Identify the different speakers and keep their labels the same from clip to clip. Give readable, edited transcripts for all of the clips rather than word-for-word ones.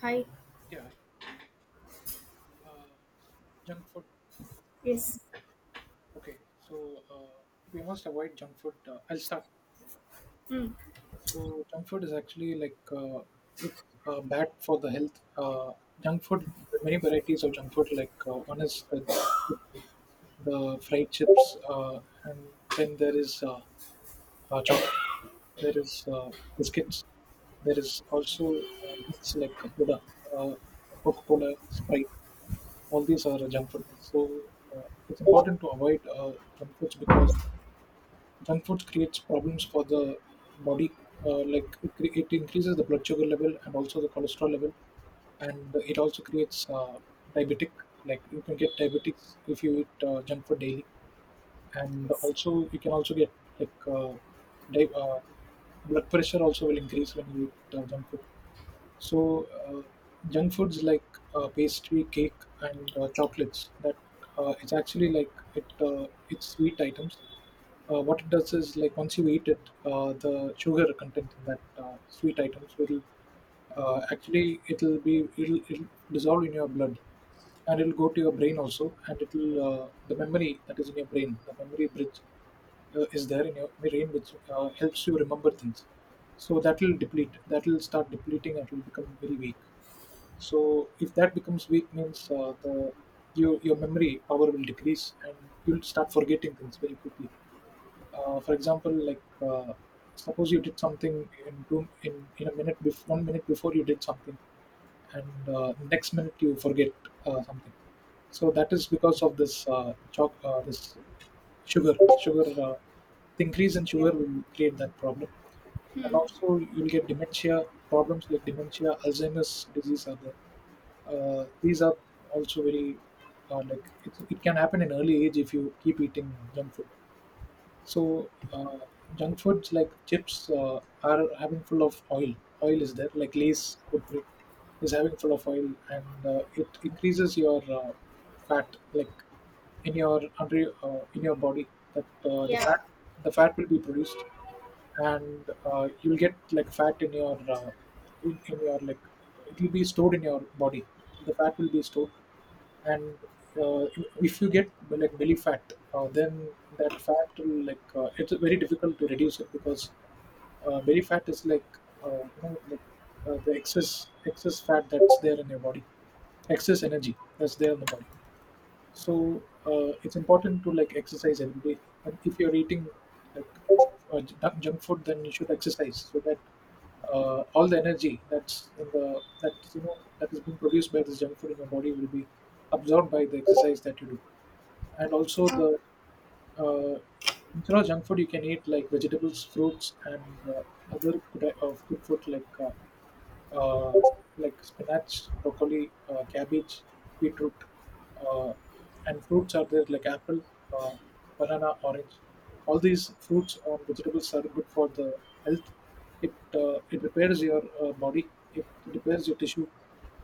Speaker 1: Hi.
Speaker 2: Yeah, uh, junk food.
Speaker 1: Yes,
Speaker 2: Okay, so we must avoid junk food. I'll start. So junk food is actually like it's bad for the health. Junk food, there are many varieties of junk food. One is the fried chips, and then there is chocolate. There is biscuits. There is also drinks like soda, uh, Coca-Cola, Sprite. All these are junk food. So uh, it's important to avoid junk foods, because junk foods creates problems for the body. It increases the blood sugar level and also the cholesterol level, and it also creates diabetic. Like you can get diabetics if you eat junk food daily, and
Speaker 1: yes,
Speaker 2: also you can also get like uh, di- uh, blood pressure also will increase when you eat junk food. So junk foods like pastry, cake, and chocolates, that it's actually like it's sweet items. What it does is like once you eat it, the sugar content in that sweet items will actually it'll dissolve in your blood, and it'll go to your brain also, and it'll the memory that is in your brain, the memory bridge is there in your brain, which helps you remember things. So that will start depleting and it will become very weak. So if that becomes weak means, uh, your memory power will decrease, and you'll start forgetting things very quickly. For example, suppose you did something in two in a minute before 1 minute before, you did something, and next minute you forget something. So that is because of this chalk this sugar sugar the increase in
Speaker 1: yeah,
Speaker 2: sugar will create that problem. And also you'll get dementia problems like dementia, Alzheimer's disease are there. These are also very it can happen in early age if you keep eating junk food. So junk foods like chips are having full of oil. Oil is there, like Lay's Kurkure is having full of oil, and it increases your fat, like in your body. That
Speaker 1: yeah, yeah.
Speaker 2: the fat will be produced, and you'll get like fat in your it will be stored in your body. The fat will be stored, and uh, if you get like belly fat, then that fat will it's very difficult to reduce it, because belly fat is like the excess fat that's there in your body, excess energy that's there in the body. So it's important to like exercise every day, and if you're eating like junk food, then you should exercise, so that all the energy that's in the that you know that is being produced by this junk food in your body will be absorbed by the exercise that you do. And
Speaker 1: Yes.
Speaker 2: also the uh, Instead of junk food you can eat like vegetables, fruits, and uh, other good food uh, like spinach, broccoli, cabbage, beetroot, uh, and fruits are there like apple, uh, banana, orange. All these fruits or vegetables are good for the health. It repairs your body. It repairs your tissue.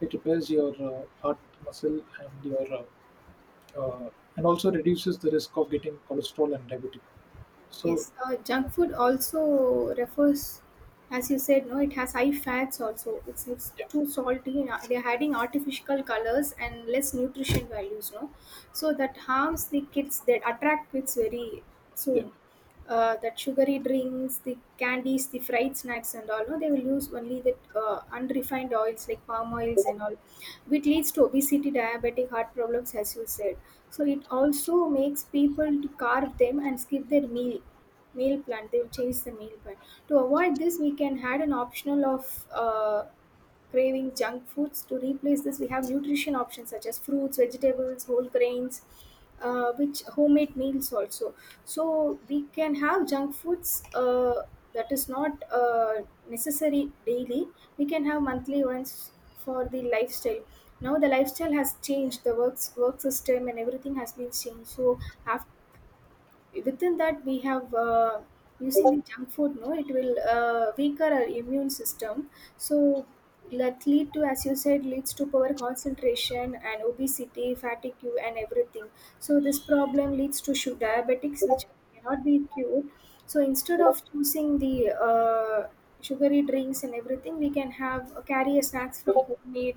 Speaker 2: It repairs your heart muscle and your uh, uh, and also reduces the risk of getting cholesterol and diabetes. So
Speaker 1: Yes, junk food also refers, as you said, no, it has high fats also. It's
Speaker 2: yeah,
Speaker 1: too salty, and they're adding artificial colors and less nutrition values, no? So that harms the kids, that attract kids very
Speaker 2: yeah,
Speaker 1: soon. That sugary drinks, the candies, the fried snacks, and all, no, they will use only the unrefined oils like palm oils and all, which leads to obesity, diabetic, heart problems, as you said. So it also makes people to carve them and skip their meal plan. They will change the meal plan. To avoid this we can add an optional of craving junk foods. To replace this we have nutrition options such as fruits, vegetables, whole grains, which homemade meals also. So we can have junk foods, that is not necessary daily. We can have monthly ones for the lifestyle. Now the lifestyle has changed. The work system and everything has been changed. So after within that we have using the junk food, no, it will weaker our immune system. So that lead to, as you said, leads to poor concentration and obesity, fatigue and everything. So this problem leads to diabetics which cannot be cured. So instead of choosing the sugary drinks and everything, we can have carry a snacks from homemade.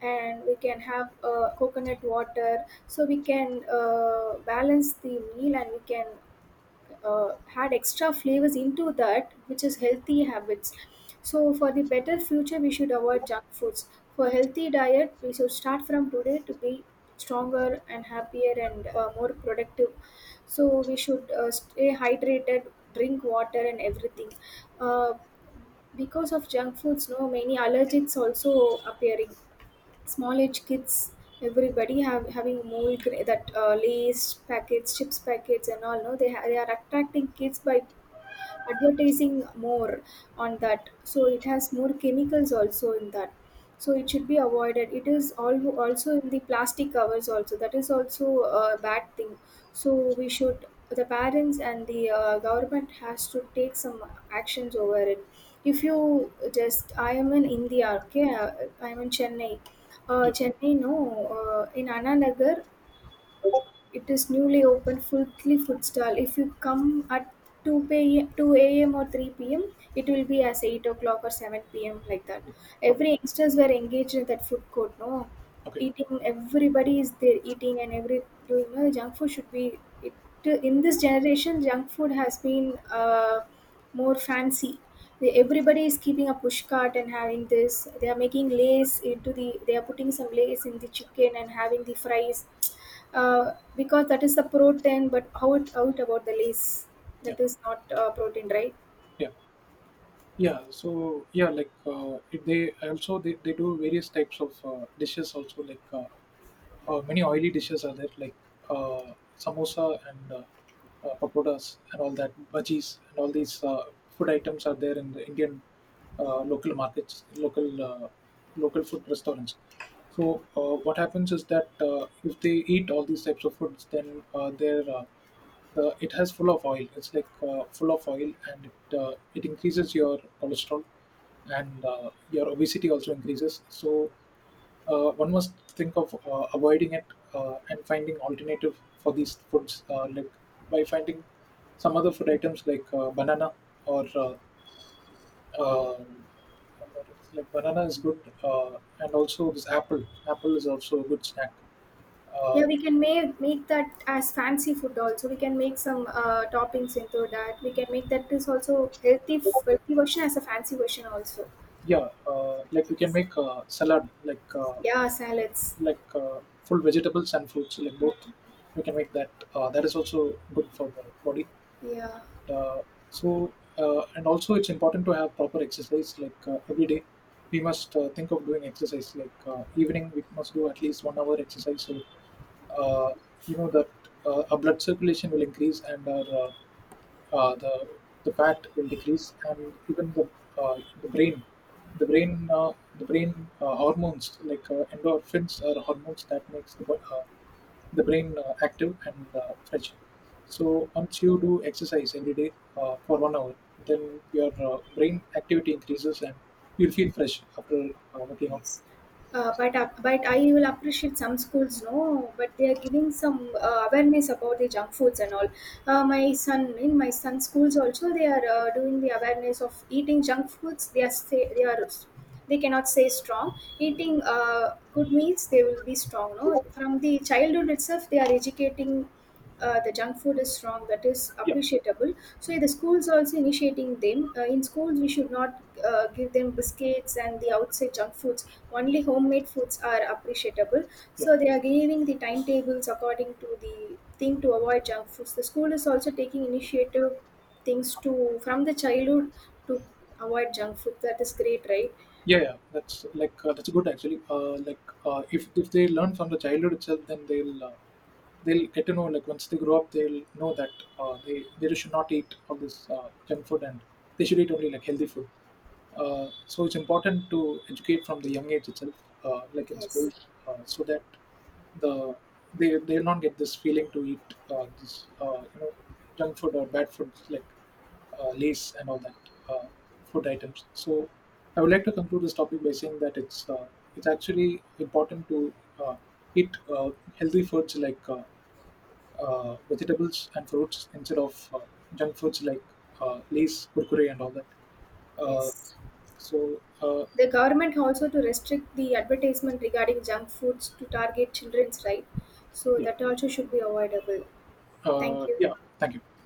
Speaker 1: And we can have coconut water, so we can balance the meal. And we can had extra flavors into that, which is healthy habits. So, for the better future, we should avoid junk foods. For healthy diet, we should start from today to be stronger and happier and more productive. So, we should stay hydrated, drink water, and everything. Uh, because of junk foods, no, many allergics also appearing small age kids. Everybody have having more that lays packets chips packets and all, no, they, they are attracting kids by advertising more on that. So it has more chemicals also in that. So it should be avoided. It is all also in the plastic covers also. That is also a bad thing. So we should, the parents and the government has to take some actions over it. If you just, I am in India. Okay, I am in Chennai.
Speaker 2: yeah.
Speaker 1: Chennai, no, in Ananagar, it is newly opened fully food stall. If you come at 2 a.m. or 3 p.m., it will be as 8 o'clock or 7 p.m. like that.
Speaker 2: Yeah. Okay,
Speaker 1: Every youngsters were engaged in that food court, no?
Speaker 2: okay,
Speaker 1: Eating, everybody is there eating and every doing. No, junk food should be. It, in this generation, junk food has been more fancy. Everybody is keeping a push cart and having this. They are making lace into the. They are putting some lace in the chicken and having the fries. Because that is the protein, but how it out about the lace?
Speaker 2: yeah,
Speaker 1: That is not protein, right?
Speaker 2: yeah. Yeah. So yeah like it- they also they do various types of dishes also, like many oily dishes are there, like uh, samosa and pakodas and all that, bhajis, and all these food items are there in the Indian local markets, local food restaurants. So what happens is that if they eat all these types of foods, then their the it has full of oil, it's like full of oil, and it increases your cholesterol, and your obesity also increases. So one must think of avoiding it, and finding alternative for these foods, like by finding some other food items like banana or uh, banana is good, and also this apple. Apple is also a good snack. Uh,
Speaker 1: Yeah, we can make that as fancy food also. We can make some toppings into that. We can make that is also healthy version as a fancy version also.
Speaker 2: yeah,
Speaker 1: I think
Speaker 2: like we can
Speaker 1: it's-
Speaker 2: make salad, like uh,
Speaker 1: Yeah, salads.
Speaker 2: like uh, full vegetables and fruits, like both.
Speaker 1: Mm.
Speaker 2: We can make that. That is also good for the body.
Speaker 1: Yeah.
Speaker 2: uh, and also it's important to have proper exercise like every day. We must think of doing exercise, like evening we must do at least 1 hour exercise. So uh, you know that our blood circulation will increase, and our uh, the the fat will decrease, and even the uh, the brain brain hormones like endorphins are hormones that makes the brain active and fresh. So once you do exercise every day for 1 hour, then your brain activity increases, and you'll feel fresh after working out.
Speaker 1: Yes. But I will appreciate some schools, no, but they are giving some awareness about the junk foods and all. My son, in my son's schools also they are doing the awareness of eating junk foods. They are say, they cannot say strong. Eating good meals they will be strong, no. From the childhood itself they are educating the junk food is wrong, that is
Speaker 2: Yeah.
Speaker 1: appreciable. So yeah, the schools also initiating them, in schools we should not give them biscuits and the outside junk foods. Only homemade foods are appreciable.
Speaker 2: Yeah.
Speaker 1: So they are giving the timetables according to the thing to avoid junk foods. The school is also taking initiative things to, from the childhood, to avoid junk food. That is great, right?
Speaker 2: Yeah, yeah, that's that's good actually. If they learn from the childhood itself, then they'll get to know, like once they grow up, they'll know that they should not eat all this junk food, and they should eat only like healthy food. So it's important to educate from the young age itself, like in
Speaker 1: Yes,
Speaker 2: schools, so that the they'll not get this feeling to eat this you know, junk food or bad foods like lace and all that uh, food items. So I would like to conclude this topic by saying that it's actually important to uh, eat healthy foods like vegetables and fruits instead of junk foods like lace, kurkure, and all that. Uh,
Speaker 1: yes.
Speaker 2: so uh,
Speaker 1: The government also to restrict the advertisement regarding junk foods to target children's right. So
Speaker 2: yeah,
Speaker 1: that also should be avoidable. Thank you.
Speaker 2: yeah. Thank you.